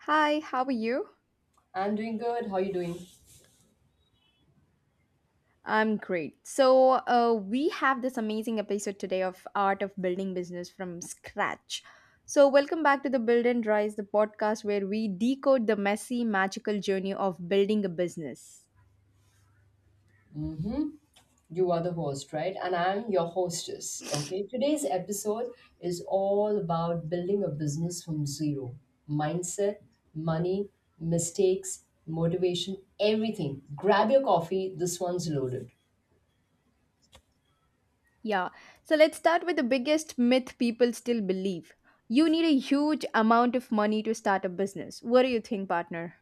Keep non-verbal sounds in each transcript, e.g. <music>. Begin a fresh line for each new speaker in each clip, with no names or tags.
Hi, how are you?
I'm doing good. How are you doing?
I'm great. So, we have this amazing episode today of Art of Building Business from Scratch. So, welcome back to the Build and Rise, the podcast where we decode the messy, magical journey of building a business.
Mm-hmm. You are the host, right? And I'm your hostess. Okay. Today's episode is all about building a business from zero. Mindset, money, mistakes, motivation, everything. Grab your coffee. This one's loaded.
Yeah. So, let's start with the biggest myth people still believe. You need a huge amount of money to start a business. What do you think, partner?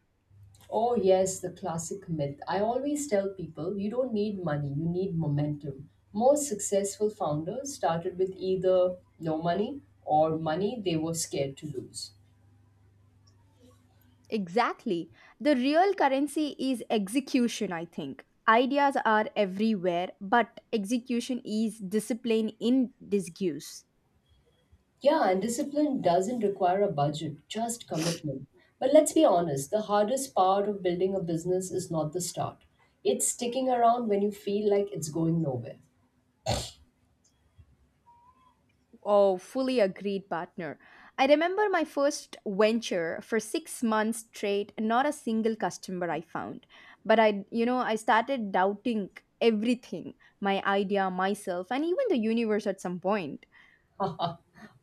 Oh, yes, the classic myth. I always tell people you don't need money, you need momentum. Most successful founders started with either no money or money they were scared to lose.
Exactly. The real currency is execution, I think. Ideas are everywhere, but execution is discipline in disguise.
Yeah, and discipline doesn't require a budget, just commitment. But let's be honest, the hardest part of building a business is not the start. It's sticking around when you feel like it's going nowhere. <laughs>
Oh, fully agreed, partner. I remember my first venture for 6 months straight, not a single customer I found. But I started doubting everything, my idea, myself, and even the universe at some point.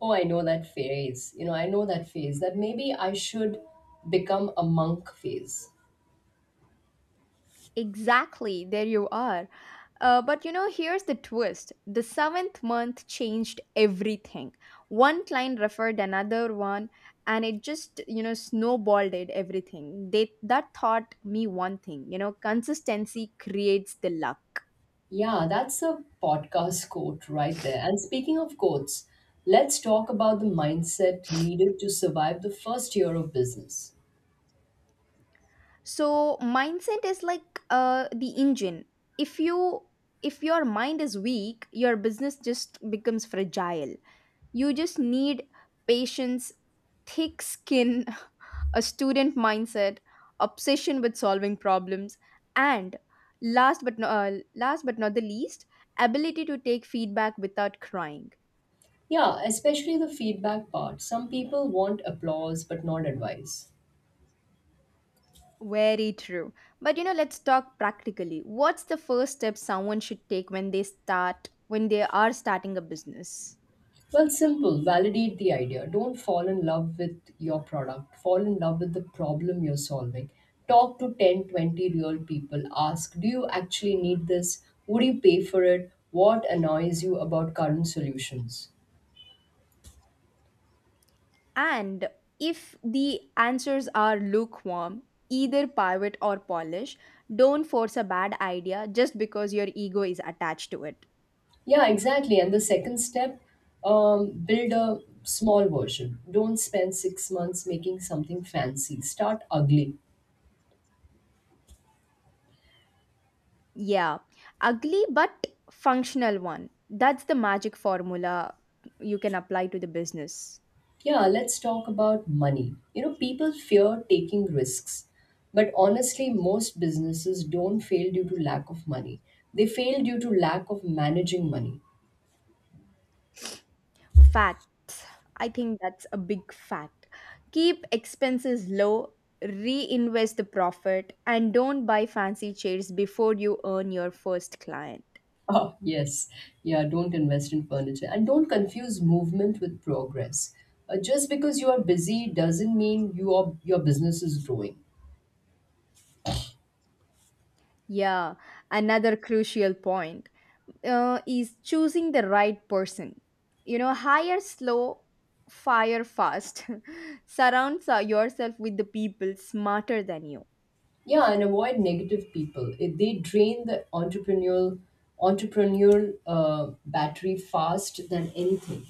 Oh, I know that phase. You know, I know that phase that maybe I should become a monk phase.
Exactly, there you are. But you know, here's the twist, the seventh month changed everything. One client referred another one, and it just, you know, snowballed it, everything. They, that taught me one thing, you know, consistency creates the luck.
Yeah, that's a podcast quote right there. And speaking of quotes, let's talk about the mindset needed to survive the first year of business.
So, mindset is like the engine. If you if your mind is weak, your business just becomes fragile. You just need patience, thick skin, <laughs> a student mindset, obsession with solving problems, and last but not the least, ability to take feedback without crying.
Yeah, especially the feedback part. Some people want applause but not advice.
Very true. But you know, let's talk practically. What's the first step someone should take when they start when they are starting a business?
Well, simple, validate the idea. Don't fall in love with your product, fall in love with the problem you're solving. Talk to 10, 20 real people. Ask, do you actually need this? Would you pay for it? What annoys you about current solutions?
And if the answers are lukewarm, either pivot or polish, don't force a bad idea just because your ego is attached to it.
Yeah, exactly. And the second step, build a small version. Don't spend 6 months making something fancy. Start ugly.
Yeah, ugly but functional one. That's the magic formula you can apply to the business.
Yeah, let's talk about money. You know, people fear taking risks, but honestly, most businesses don't fail due to lack of money. They fail due to lack of managing money. <laughs>
Fat. I think that's a big fact. Keep expenses low, reinvest the profit, and don't buy fancy chairs before you earn your first client.
Oh, yes. Yeah, don't invest in furniture and don't confuse movement with progress. Just because you are busy doesn't mean your business is growing.
Yeah, another crucial point is choosing the right person. You know, hire slow, fire fast. <laughs> Surround yourself with the people smarter than you.
Yeah, and avoid negative people. If they drain the entrepreneurial battery fast than anything.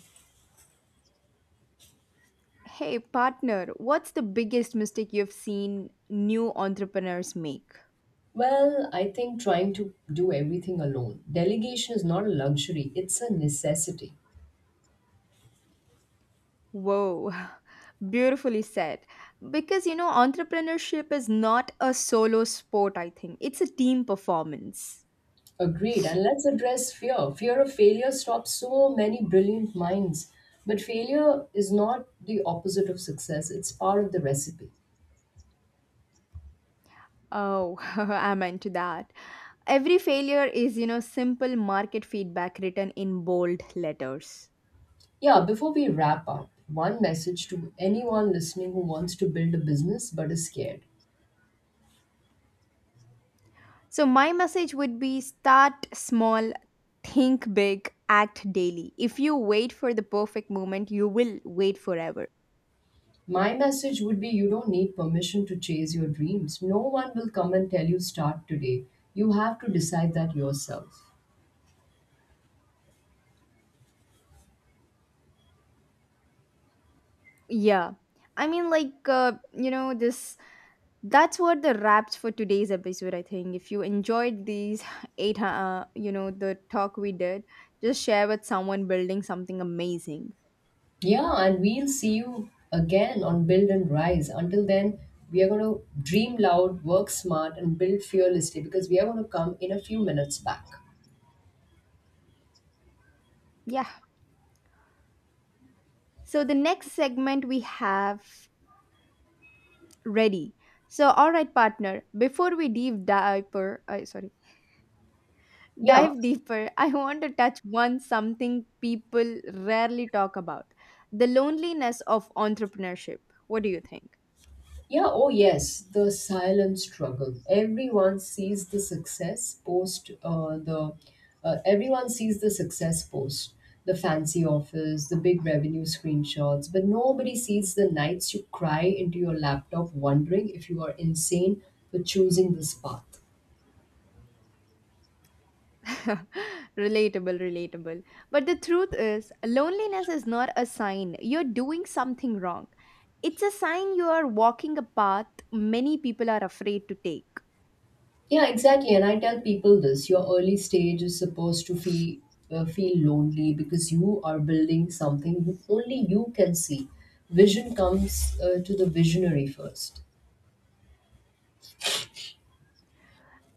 Hey, partner, what's the biggest mistake you've seen new entrepreneurs make?
Well, I think trying to do everything alone. Delegation is not a luxury, it's a necessity.
Whoa, <laughs> beautifully said. Because, you know, entrepreneurship is not a solo sport, I think, it's a team performance.
Agreed. And let's address fear. Fear of failure stops so many brilliant minds. But failure is not the opposite of success, it's part of the recipe.
Oh, <laughs> I'm into that. Every failure is, you know, simple market feedback written in bold letters.
Yeah, before we wrap up, one message to anyone listening who wants to build a business but is scared.
So, my message would be start small, think big, act daily. If you wait for the perfect moment, you will wait forever.
My message would be you don't need permission to chase your dreams. No one will come and tell you start today. You have to decide that yourself.
Yeah. I mean, like, you know, this that's what the wraps for today's episode, I think. If you enjoyed these <sighs> eight, you know, the talk we did, just share with someone building something amazing.
Yeah, and we'll see you again on Build and Rise. Until then, we are going to dream loud, work smart, and build fearlessly because we are going to come in a few minutes back.
Yeah. So, the next segment we have ready. So, all right, partner, before we deeper, I sorry,
Yeah,
dive deeper, <laughs> I want to touch one something people rarely talk about, the loneliness of entrepreneurship. What do you think?
yeah, oh yes, the silent struggle. Everyone sees the success post, the fancy offers, the big revenue screenshots, but nobody sees the nights you cry into your laptop wondering if you are insane for choosing this path.
<laughs> Relatable, relatable. But the truth is, loneliness is not a sign you're doing something wrong. It's a sign you are walking a path many people are afraid to take.
Yeah, exactly. And I tell people this your early stage is supposed to feel lonely because you are building something only you can see. Vision comes to the visionary first.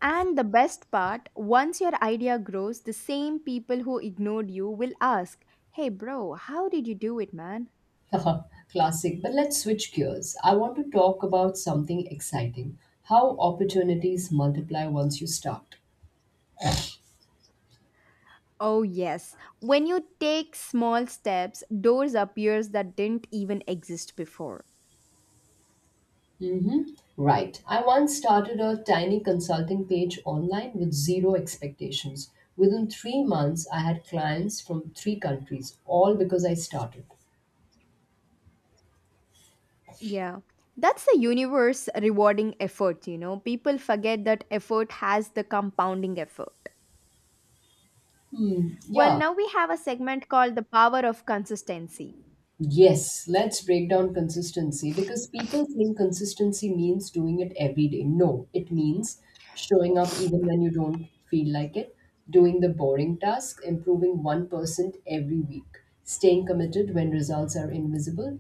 And the best part, once your idea grows, the same people who ignored you will ask, Hey, bro, how did you do it, man?
<laughs> Classic. But let's switch gears. I want to talk about something exciting how opportunities multiply once you start.
Oh, yes. When you take small steps, doors appears that didn't even exist before.
Right. I once started a tiny consulting page online with zero expectations. Within 3 months, I had clients from 3 countries, all because I started.
Yeah. That's the universe rewarding effort, you know. People forget that effort has the compounding effort.
Hmm.
Well,
Yeah.
now we have a segment called the power of consistency.
Yes. Let's break down consistency because people think consistency means doing it every day. No, it means showing up even when you don't feel like it, doing the boring task, improving 1% every week, staying committed when results are invisible,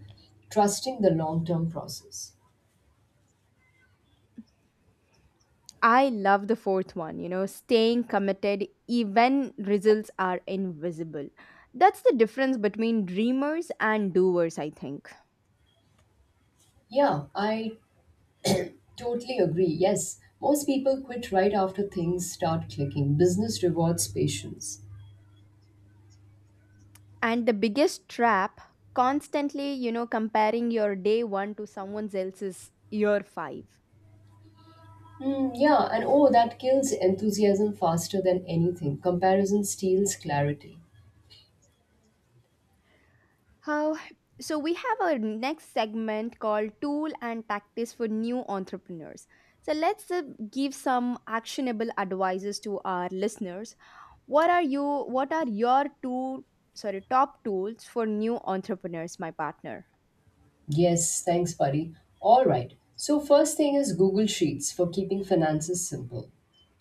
trusting the long term process.
I love the fourth one, you know, staying committed even results are invisible. That's the difference between dreamers and doers, I think.
Yeah, I totally agree. Yes, most people quit right after things start clicking. Business rewards patience.
And the biggest trap, constantly, you know, comparing your day one to someone else's year five.
Hmm. Yeah, and oh, that kills enthusiasm faster than anything. Comparison steals clarity.
How? So, we have our next segment called Tool and Tactics for New Entrepreneurs. So, let's give some actionable advices to our listeners. What are your top tools for new entrepreneurs, my partner?
Yes, thanks, buddy. All right. So, first thing is Google Sheets for keeping finances simple,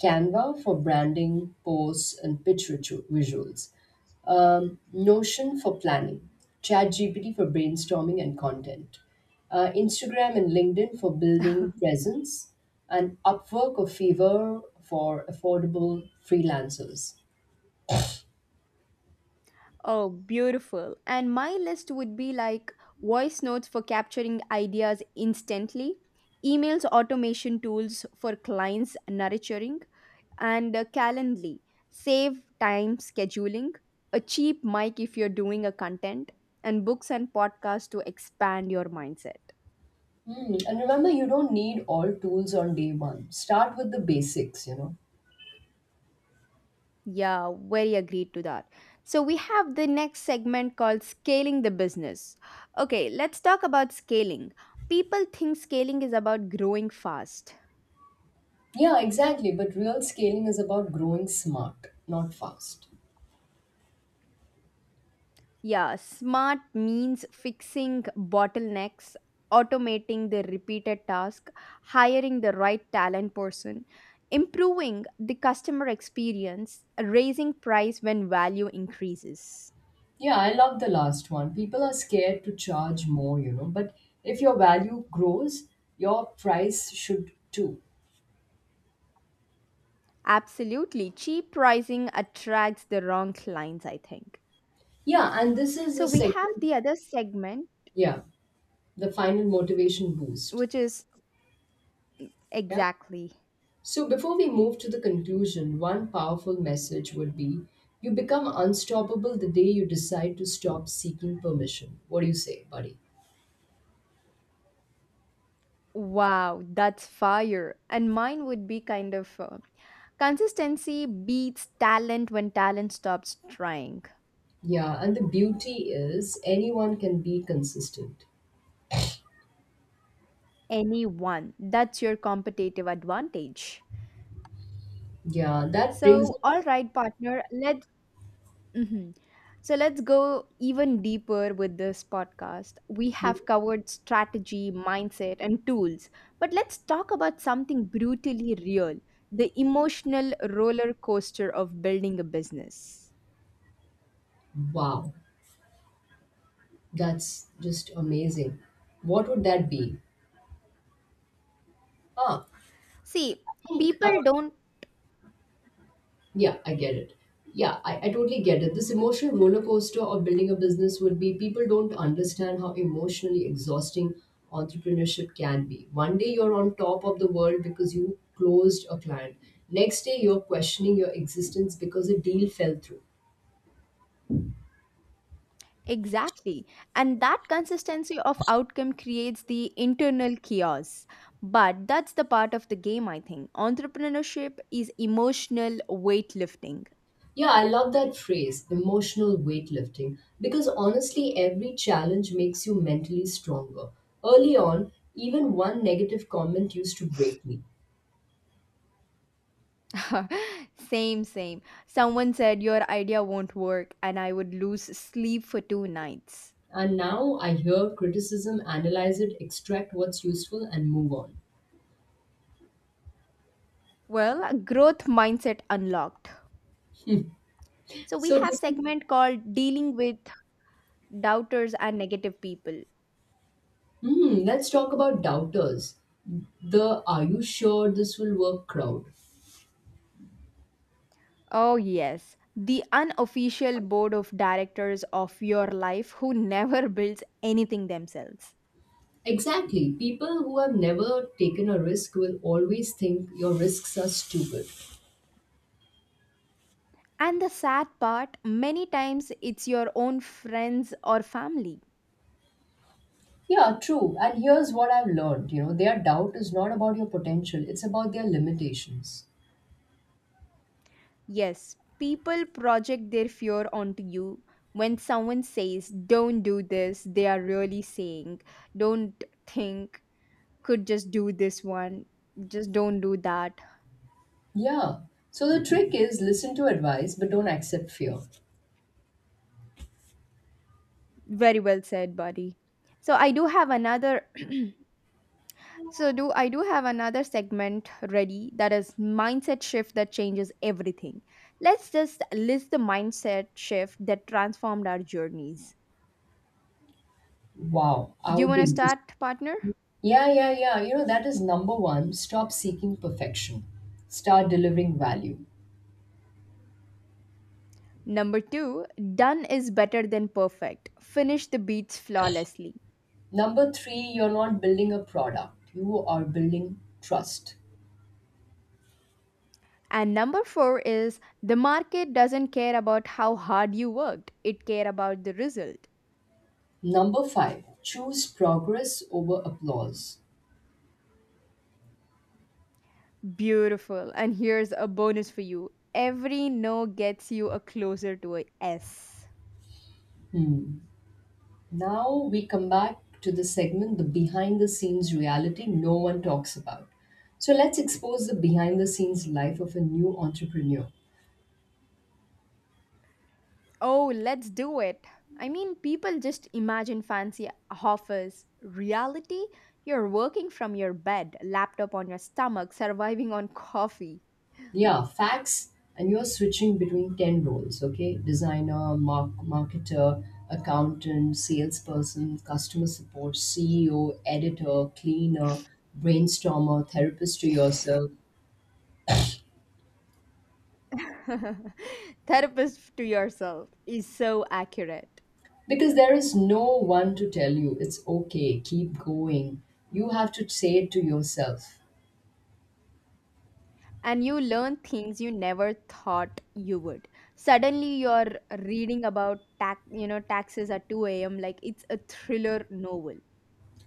Canva for branding, posts, and visuals, Notion for planning, ChatGPT for brainstorming and content, Instagram and LinkedIn for building
<laughs>
presence, and Upwork or Fiverr for affordable freelancers.
Oh, beautiful. And my list would be like voice notes for capturing ideas instantly, emails automation tools for clients nurturing, and Calendly. Save time scheduling, a cheap mic if you're doing a content, and books and podcasts to expand your mindset.
Hmm, and remember, you don't need all tools on day one. Start with the basics, you know.
Yeah, very agreed to that. So we have the next segment called scaling the business. Okay, let's talk about scaling. People think scaling is about growing fast.
Yeah, exactly. But real scaling is about growing smart, not fast.
Yeah, smart means fixing bottlenecks, automating the repeated task, hiring the right talent person, improving the customer experience, raising price when value increases.
Yeah, I love the last one. People are scared to charge more, you know. But if your value grows, your price should too.
Absolutely, cheap pricing attracts the wrong clients, I think.
Yeah, and this is the
So we have
segment,
the other segment,
yeah, the final motivation boost.
which is
Yeah.
exactly.
So before we move to the conclusion, one powerful message would be you become unstoppable the day you decide to stop seeking permission. What do you say, buddy?
Wow, that's fire. And mine would be kind of consistency beats talent when talent stops trying.
Yeah, and the beauty is anyone can be consistent.
Anyone. That's your competitive advantage.
Yeah, that brings us.
So, all right, partner, let's. Mhm. So let's go even deeper with this podcast. We have covered strategy, mindset, and tools, but let's talk about something brutally real, the emotional roller coaster of building a business.
Wow, that's just amazing. What would that be? Ah,
See,
I think.
people don't,
Yeah, I get it. Yeah, I totally get it. This emotional roller coaster of building a business would be people don't understand how emotionally exhausting entrepreneurship can be. One day you're on top of the world because you closed a client, next day you're questioning your existence because a deal fell through.
exactly, and that consistency of outcome creates the internal chaos. But that's the part of the game, I think. Entrepreneurship is emotional weightlifting.
Yeah, I love that phrase, emotional weightlifting, because honestly, every challenge makes you mentally stronger. Early on, even one negative comment used to break me.
<laughs> Same, same. Someone said your idea won't work, and I would lose sleep for 2 nights.
And now I hear criticism, analyze it, extract what's useful, and move on.
Well, growth mindset unlocked. So we
So
have
this is,
segment called dealing with doubters and negative people.
Hmm, let's talk about doubters. The are you sure this will work crowd.
Oh, yes. The unofficial board of directors of your life who <laughs> never builds anything themselves.
Exactly. People who have never taken a risk will always think your risks are stupid.
And the sad part, many times it's your own friends or family.
Yeah, true. And here's what I've learned, you know, their doubt is not about your potential, it's about their limitations.
Yes, people project their fear onto you. When someone says, don't do this, they are really saying, don't think, could just do this one, just don't do that.
Yeah. So the trick is listen to advice but don't accept fear.
Very well said, buddy. So, I do have another <clears throat> So do I do have another segment ready, that is mindset shift that changes everything. Let's just list the mindset shift that transformed our journeys.
Wow, I
Do you
would
want
be
to
interested.
start, partner?
Yeah. You know, that is number one. Stop seeking perfection. Start delivering value.
Number 2, done is better than perfect. Finish the beats flawlessly.
Number three, you're not building a product, you are building trust.
And number 4 is the market doesn't care about how hard you worked. It care about the result.
Number five, choose progress over applause.
Beautiful. And here's a bonus for you. Every no gets you a closer to a S.
Hmm. Now we come back to the segment, the behind the scenes reality no one talks about. So let's expose the behind the scenes life of a new entrepreneur.
Oh, let's do it. I mean, people just imagine fancy offers. Reality, you're working from your bed, laptop on your stomach, surviving on coffee.
Yeah, facts. And you're switching between 10 roles, okay? Designer, marketer, accountant, salesperson, customer support, CEO, editor, cleaner, brainstormer, therapist to yourself.
<laughs> Therapist to yourself is so accurate.
Because there is no one to tell you it's okay, keep going. You have to say it to yourself.
And you learn things you never thought you would. Suddenly, you're reading about tax, you know, taxes at 2 a.m. like it's a thriller novel.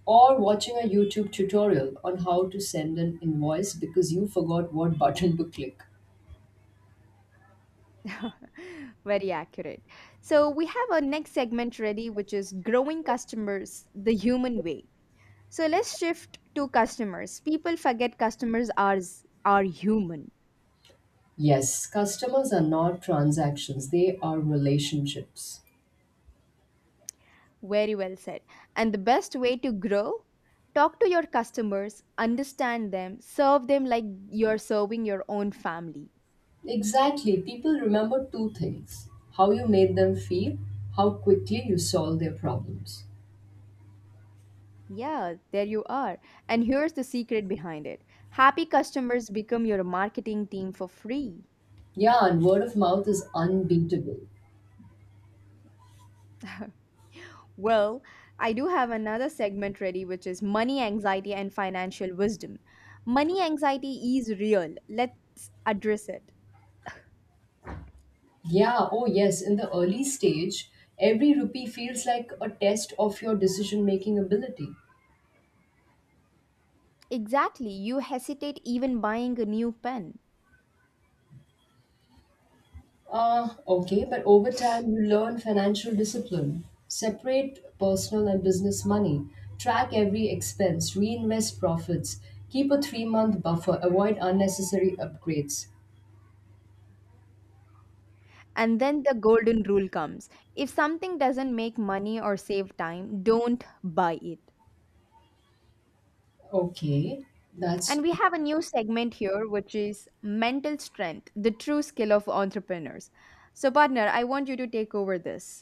Or watching a YouTube tutorial on how to send an invoice because you forgot what button to click.
<laughs> Very accurate. So, we have our next segment ready, which is growing customers the human way. So, let's shift to customers. People forget are human.
Yes, customers are not transactions, they are relationships.
Very well said. And the best way to grow? Talk to your customers, understand them, serve them like you're serving your own family.
Exactly, people remember two things how you made them feel, how quickly you solved their problems.
Yeah, there you are. And here's the secret behind it, happy customers become your marketing team for free.
Yeah, and word of mouth is unbeatable.
Well, I do have another segment ready, which is money anxiety and financial wisdom. Money anxiety is real. Let's address it.
Yeah, oh yes, in the early stage, every rupee feels like a test of your decision making ability.
Exactly, you hesitate even buying a new pen.
Okay, but over time you learn financial discipline. Separate personal and business money. Track every expense. Reinvest profits. Keep a 3 month buffer. Avoid unnecessary upgrades.
And then the golden rule comes, if something doesn't make money or save time, don't buy it.
Okay, that's
And we have a new segment here, which is mental strength, the true skill of entrepreneurs. So, partner, I want you to take over this.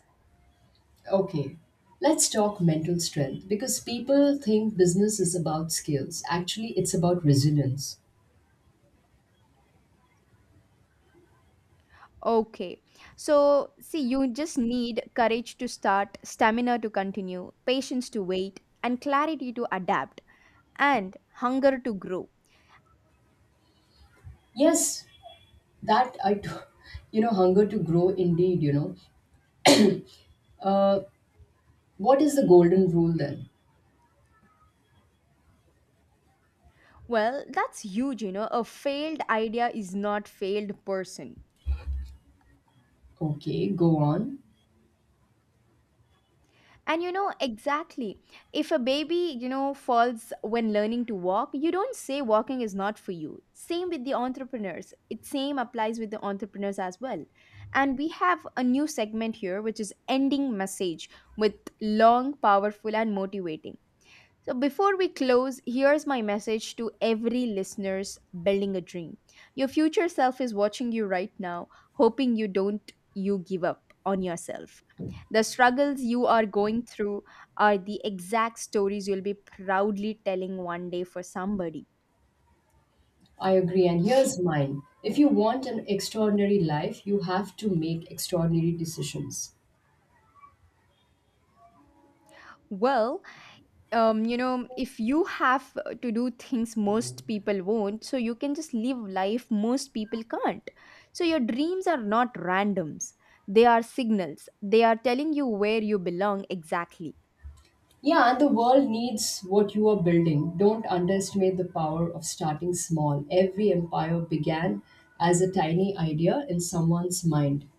okay. Let's talk mental strength because people think business is about skills. Actually, it's about resilience.
Okay. So, see, you just need courage to start, stamina to continue, patience to wait, and clarity to adapt, and hunger to grow.
Yes, that I, t- <laughs> you know, hunger to grow indeed, you know. Uh, what is the golden rule then?
Well, that's huge, you know. A failed idea is not failed person.
Okay, go on.
And you know, exactly. If a baby, you know, falls when learning to walk, you don't say walking is not for you. Same with the entrepreneurs. It same applies with the entrepreneurs as well. And we have a new segment here, which is ending message with long, powerful, and motivating. So before we close, here's my message to every listeners building a dream. Your future self is watching you right now, hoping you don't you give up on yourself. The struggles you are going through are the exact stories you'll be proudly telling one day for somebody.
I agree, and here's mine. If you want an extraordinary life, you have to make extraordinary decisions.
Well, you know, if you have to do things most people won't, so you can just live life most people can't. So your dreams are not randoms, they are signals. They are telling you where you belong exactly.
Yeah, and the world needs what you are building. Don't underestimate the power of starting small. Every empire began as a tiny idea in someone's mind.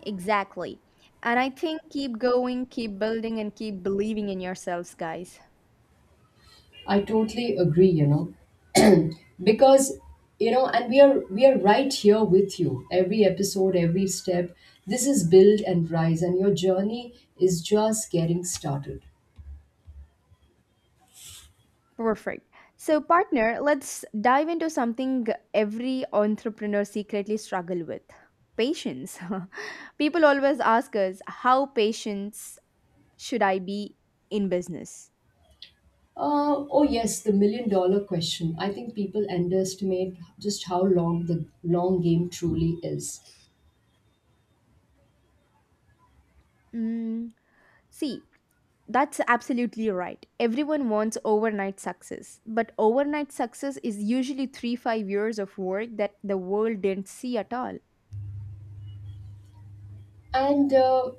Exactly. And I think keep going, keep building, and keep believing in yourselves, guys.
I totally agree, you know, because you know and we are right here with you every episode every step. This is Build and Rise and your journey is just getting started.
Perfect. So, partner, let's dive into something every entrepreneur secretly struggle with, patience. <laughs> People always ask us how patience should I be in business?
Oh yes, the million dollar question. I think people underestimate just how long the long game truly is.
Mm, see, that's absolutely right. Everyone wants overnight success, but overnight success is usually three, 5 years of work that the world didn't see at all.
And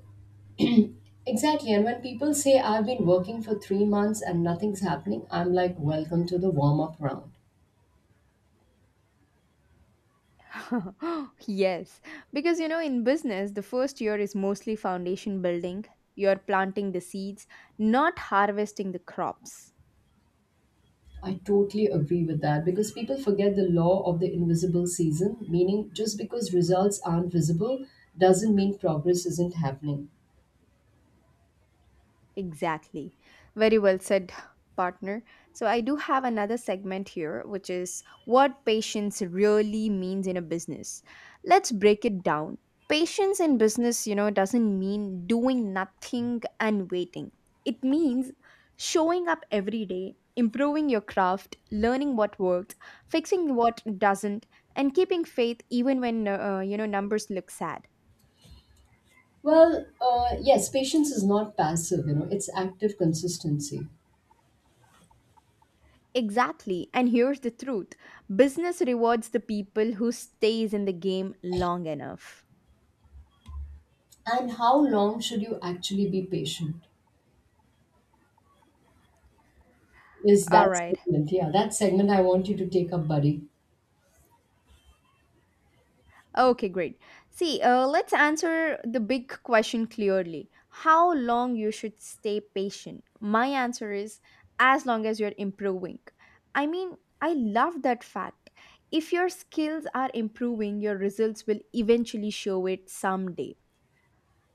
Exactly, and when people say I've been working for 3 months and nothing's happening, I'm like, welcome to the warm up round.
<laughs> Yes, because you know, in business, the first year is mostly foundation building. You're planting the seeds, not harvesting the crops.
I totally agree with that because people forget the law of the invisible season, meaning just because results aren't visible doesn't mean progress isn't happening.
Exactly. Very well said, partner. So, I do have another segment here, which is what patience really means in a business. Let's break it down. Patience in business, you know, doesn't mean doing nothing and waiting, it means showing up every day, improving your craft, learning what works, fixing what doesn't, and keeping faith even when, you know, numbers look sad.
Well, yes, patience is not passive, you know, it's active consistency.
Exactly. And here's the truth. Business rewards the people who stays in the game long enough.
And how long should you actually be patient? Is
All
that
right.
segment? Yeah, that segment I want you to take up, buddy.
Okay, great. See, let's answer the big question clearly. How long you should stay patient? My answer is as long as you're improving. I mean, I love that fact. If your skills are improving, your results will eventually show it someday.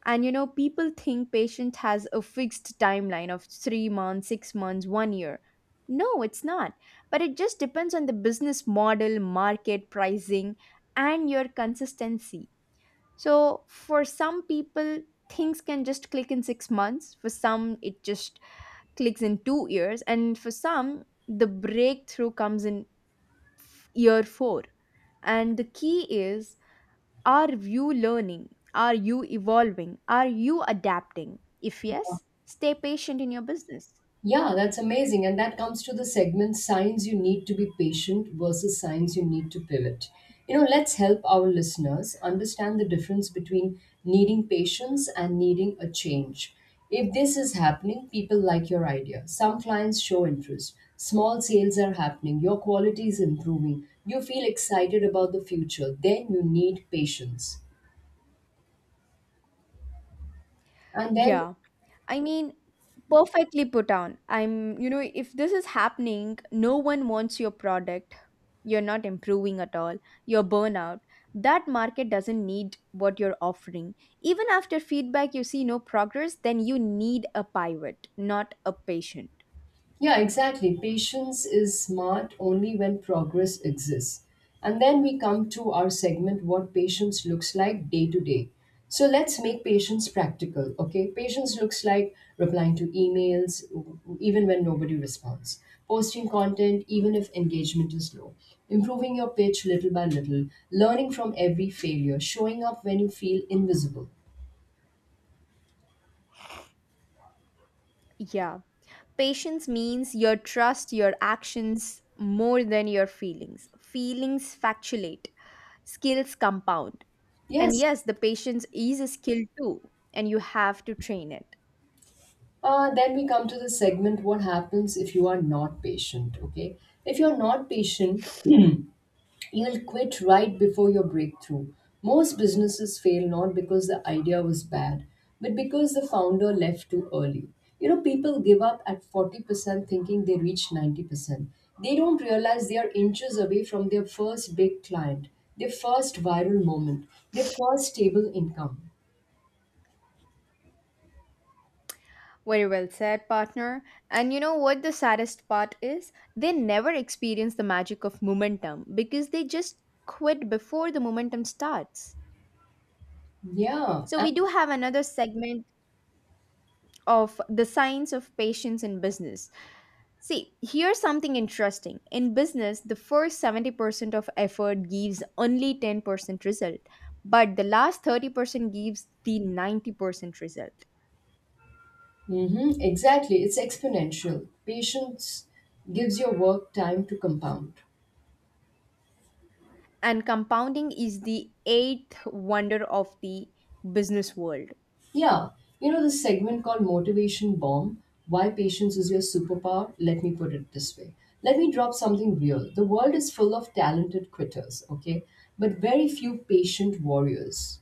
And you know, people think patient has a fixed timeline of 3 months, 6 months, 1 year. No, it's not, but it just depends on the business model, market pricing, and your consistency. So for some people, things can just click in 6 months. For some, it just clicks in 2 years, and for some, the breakthrough comes in year 4. And the key is, are you learning? Are you evolving? Are you adapting? If yes, stay patient in your business.
Yeah, that's amazing. And that comes to the segment signs you need to be patient versus signs you need to pivot. You know, let's help our listeners understand the difference between needing patience and needing a change. If this is happening, people like your idea. Some clients show interest. Small sales are happening. Your quality is improving. You feel excited about the future. Then you need patience. And then,
Yeah. I mean, perfectly put on. I'm, you know, if this is happening, no one wants your product. You're not improving at all. You're burnout. That market doesn't need what you're offering. Even after feedback, you see no progress, then you need a pivot, not a patient.
yeah, exactly. Patience is smart only when progress exists. And then we come to our segment what patience looks like day to day. So let's make patience practical, okay? Patience looks like replying to emails even when nobody responds, posting content even if engagement is low, improving your pitch little by little, learning from every failure, showing up when you feel invisible.
Yeah. Patience means you trust your actions more than your feelings. Feelings factulate, skills compound. And
Yes.
yes, the patience is a skill too, and you have to train it.
Then we come to the segment what happens if you are not patient, okay? If you're not patient, you'll quit right before your breakthrough. Most businesses fail not because the idea was bad, but because the founder left too early. You know, people give up at 40% thinking they reached 90%. They don't realize they are inches away from their first big client, their first viral moment, their first stable income.
Very well said, partner. And you know what the saddest part is? They never experience the magic of momentum because they just quit before the momentum starts.
Yeah,
So, we do have another segment of the science of patience in business. See, here's something interesting. In business, the first 70% of effort gives only 10% result, but the last 30% gives the 90% result.
mm-hmm, exactly. It's exponential. Patience gives your work time to compound.
And compounding is the eighth wonder of the business world.
Yeah. You know, this segment called Motivation Bomb Why Patience is Your Superpower? Let me put it this way. Let me drop something real. The world is full of talented quitters, okay? But very few patient warriors.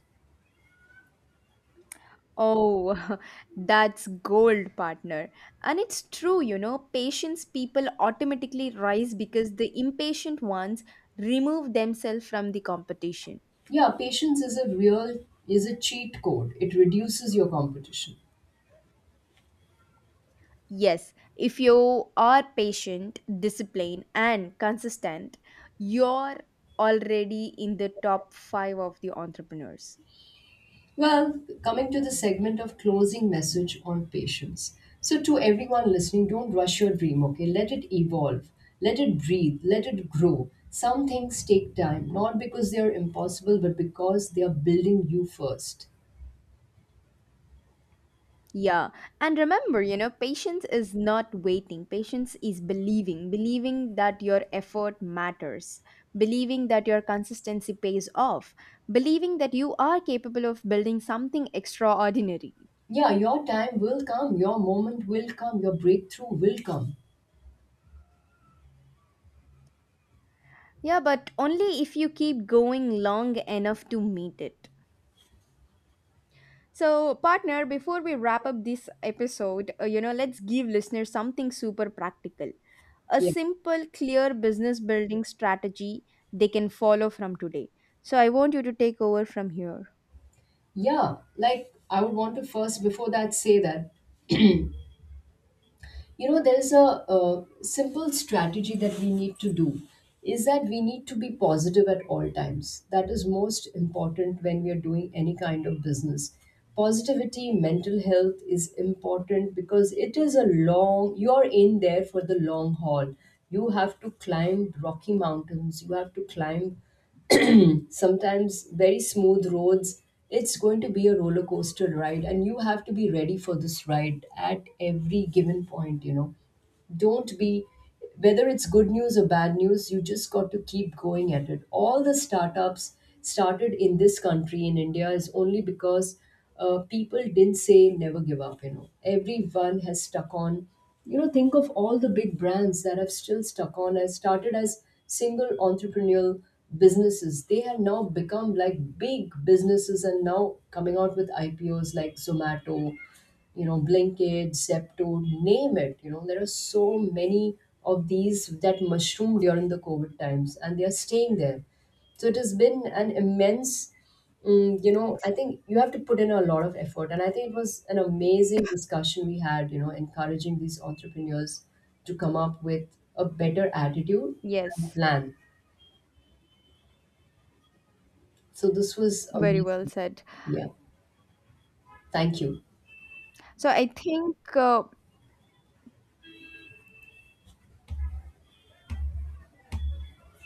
Oh, <laughs> that's gold, partner. And it's true, you know, patience people automatically rise because the impatient ones remove themselves from the competition.
Yeah, patience is a real, is a cheat code. It reduces your competition.
Yes, if you are patient, disciplined, and consistent, you're already in the top five of the entrepreneurs.
Well, coming to the segment of closing message on patience. So, to everyone listening, don't rush your dream, okay? Let it evolve, let it breathe, let it grow. Some things take time, not because they are impossible, but because they are building you first.
Yeah. And remember, you know, patience is not waiting. Patience is believing, believing that your effort matters, believing that your consistency pays off, believing that you are capable of building something extraordinary.
Yeah, your time will come, your moment will come, your breakthrough will come.
Yeah, but only if you keep going long enough to meet it. So, partner, before we wrap up this episode, you know, let's give listeners something super practical. A
Yeah.
simple, clear business building strategy they can follow from today. So, I want you to take over from here.
Yeah, like I would want to first, before that, say that you know there is a simple strategy that we need to do is that we need to be positive at all times. That is most important when we are doing any kind of business. Positivity, mental health is important because it is a long, you are in there for the long haul. You have to climb rocky mountains, you have to climb sometimes very smooth roads. It's going to be a roller coaster ride and you have to be ready for this ride at every given point, you know. Don't be, whether it's good news or bad news, you just got to keep going at it. All the startups started in this country in India is only because people didn't say never give up, you know. Everyone has stuck on, you know. Think of all the big brands that have still stuck on, as started as single entrepreneurial businesses. They have now become like big businesses and now coming out with IPOs like Zomato, you know, Blinkit, Zepto, name it. You know, there are so many of these that mushroomed during the COVID times and they are staying there. So it has been an immense, you know, I think you have to put in a lot of effort. And I think it was an amazing discussion we had, you know, encouraging these entrepreneurs to come up with a better attitude and
Yes,
plan. So this was
very well
amazing.
said.
Yeah. Thank you.
So, I think